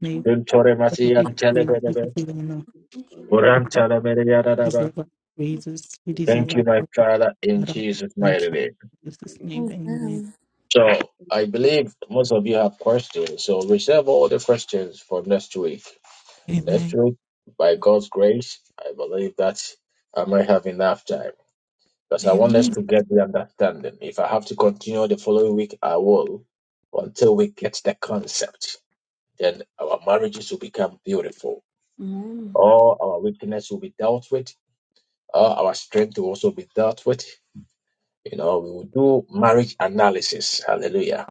Speaker 5: May you
Speaker 2: Thank
Speaker 1: Vimtore
Speaker 5: be
Speaker 1: Masiyan
Speaker 5: praised. May
Speaker 1: Telebelebe,
Speaker 5: you be honored.
Speaker 2: you.
Speaker 1: Uran
Speaker 5: You
Speaker 1: Telebeleyadadaba.
Speaker 5: deserve our praises. You deserve
Speaker 1: Thank you,
Speaker 5: our
Speaker 1: my Father, in
Speaker 5: God.
Speaker 1: Jesus'
Speaker 5: Thank
Speaker 1: mighty
Speaker 5: you.
Speaker 1: name.
Speaker 5: In Jesus' name, amen.
Speaker 2: Amen.
Speaker 1: So I believe most of you have questions. So reserve all the questions for next week. Next
Speaker 5: Amen.
Speaker 1: week, by God's grace, I believe that I might have enough time. Because I want us
Speaker 5: Amen.
Speaker 1: to get the understanding. If I have to continue the following week, I will until we get the concept. Then our marriages will become beautiful.
Speaker 2: Amen.
Speaker 1: All our weakness will be dealt with uh, our strength will also be dealt with. You know, we will do marriage analysis. Hallelujah.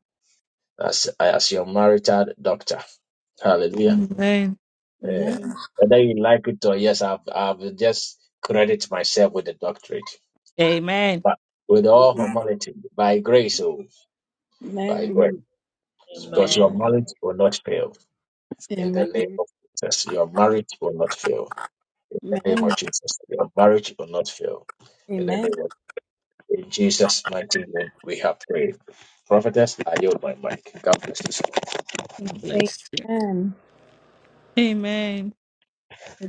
Speaker 1: As, as your marital doctor. Hallelujah.
Speaker 5: Amen.
Speaker 1: Eh,
Speaker 2: Amen.
Speaker 1: whether you like it or yes, I've, I've just credit myself with the doctorate.
Speaker 5: Amen.
Speaker 1: But with all humility, by grace, oh,
Speaker 2: Amen.
Speaker 1: by grace. Because your marriage will not fail in
Speaker 2: Amen.
Speaker 1: the name of Jesus. Your marriage will not fail in the name
Speaker 2: Amen.
Speaker 1: of Jesus. Your marriage will not fail in the
Speaker 2: Amen.
Speaker 1: name of In Jesus' mighty name, we have prayed. Prophetess, I yield my mic. God bless you. so
Speaker 5: God Bless you.
Speaker 2: Amen.
Speaker 5: Amen.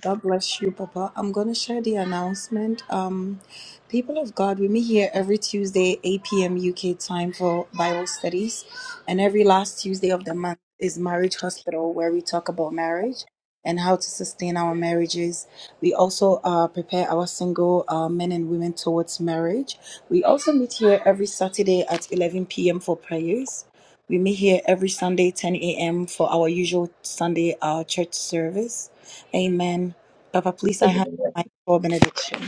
Speaker 2: God bless you, Papa. I'm going to share the announcement. Um, people of God, we meet here every Tuesday, 8 p.m. UK time for Bible studies. And every last Tuesday of the month is Marriage Hospital, where we talk about marriage and how to sustain our marriages. We also uh, prepare our single uh, men and women towards marriage. We also meet here every Saturday at 11 p.m. for prayers. We meet here every Sunday, 10 a.m., for our usual Sunday uh, church service. Amen. Papa, please, I have
Speaker 1: Amen.
Speaker 2: my for benediction.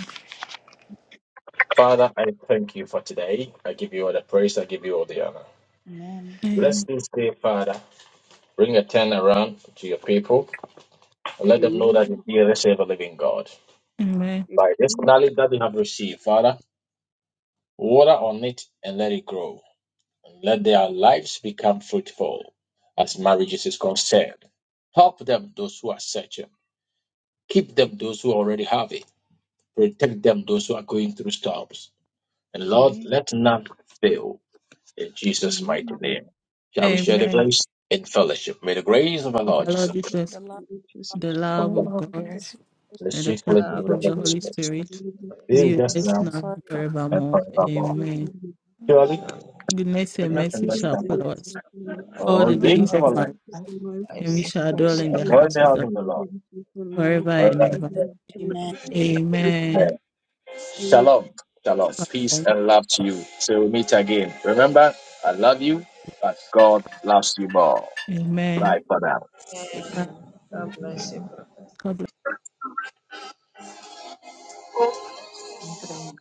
Speaker 1: Father, I thank you for today. I give you all the praise. I give you all the honor.
Speaker 2: Amen.
Speaker 1: Bless
Speaker 5: Amen.
Speaker 1: this day, Father. Bring a turn around to your people and let them know that you are the save a living God.
Speaker 5: Amen.
Speaker 1: By this knowledge that they have received, Father, water on it and let it grow. And let their lives become fruitful as marriages is concerned. Help them, those who are searching. Keep them, those who already have it Protect them, those who are going through storms. And Lord, let none fail. In Jesus' mighty
Speaker 4: Amen.
Speaker 1: name. Shall we share the
Speaker 5: Amen.
Speaker 1: grace in fellowship? May the grace of our
Speaker 5: Of
Speaker 1: Lord
Speaker 5: our Lord
Speaker 2: Praise
Speaker 1: Jesus Christ
Speaker 5: Jesus,
Speaker 2: the love of God
Speaker 5: the
Speaker 4: Jesus,
Speaker 5: love
Speaker 1: and
Speaker 5: of
Speaker 3: Oh,
Speaker 5: God
Speaker 2: and the
Speaker 3: good.
Speaker 2: sweet fellowship
Speaker 1: the
Speaker 5: and the
Speaker 1: sweet fellowship
Speaker 2: of
Speaker 1: of
Speaker 5: fellowship
Speaker 1: the
Speaker 5: of the
Speaker 1: Holy
Speaker 2: you
Speaker 4: for
Speaker 5: Holy
Speaker 4: the
Speaker 1: Spirit
Speaker 5: Spirit
Speaker 4: glory
Speaker 1: be
Speaker 5: be
Speaker 1: with
Speaker 4: of
Speaker 5: with
Speaker 1: us
Speaker 5: us
Speaker 1: now
Speaker 2: and
Speaker 5: now and
Speaker 2: forever.
Speaker 3: God.
Speaker 1: and
Speaker 5: forevermore.
Speaker 4: the
Speaker 1: forevermore.
Speaker 4: Lord,
Speaker 5: Amen.
Speaker 4: the
Speaker 1: Surely,
Speaker 5: Goodness and
Speaker 1: goodness and
Speaker 5: mercy
Speaker 1: mercy
Speaker 4: King,
Speaker 5: shall
Speaker 1: shall
Speaker 4: the
Speaker 1: follow
Speaker 5: follow us
Speaker 4: Lord,
Speaker 1: us
Speaker 5: all
Speaker 1: all
Speaker 4: the
Speaker 5: the
Speaker 1: the
Speaker 3: Thank
Speaker 4: Lord, the Lord,
Speaker 1: days
Speaker 5: days
Speaker 1: of
Speaker 5: of
Speaker 1: our
Speaker 5: my
Speaker 1: life.
Speaker 5: life, and we shall
Speaker 3: you.
Speaker 5: dwell in
Speaker 4: the
Speaker 1: shall
Speaker 5: the
Speaker 4: Lord, the Lord, the Lord, the Lord,
Speaker 1: dwell in
Speaker 5: house
Speaker 1: the
Speaker 5: of
Speaker 1: house
Speaker 5: God
Speaker 1: of the
Speaker 4: the
Speaker 1: Lord.
Speaker 4: Lord, the Lord,
Speaker 5: forever and
Speaker 1: forever
Speaker 4: the
Speaker 5: ever.
Speaker 1: and ever.
Speaker 4: Lord,
Speaker 2: Amen.
Speaker 5: Amen.
Speaker 1: Amen. Shalom. Shalom. Peace and love to you. Till we meet again. Remember, I love you, but God loves you more. Bye
Speaker 5: Amen.
Speaker 1: for now.
Speaker 5: Uh, God
Speaker 3: Thank you.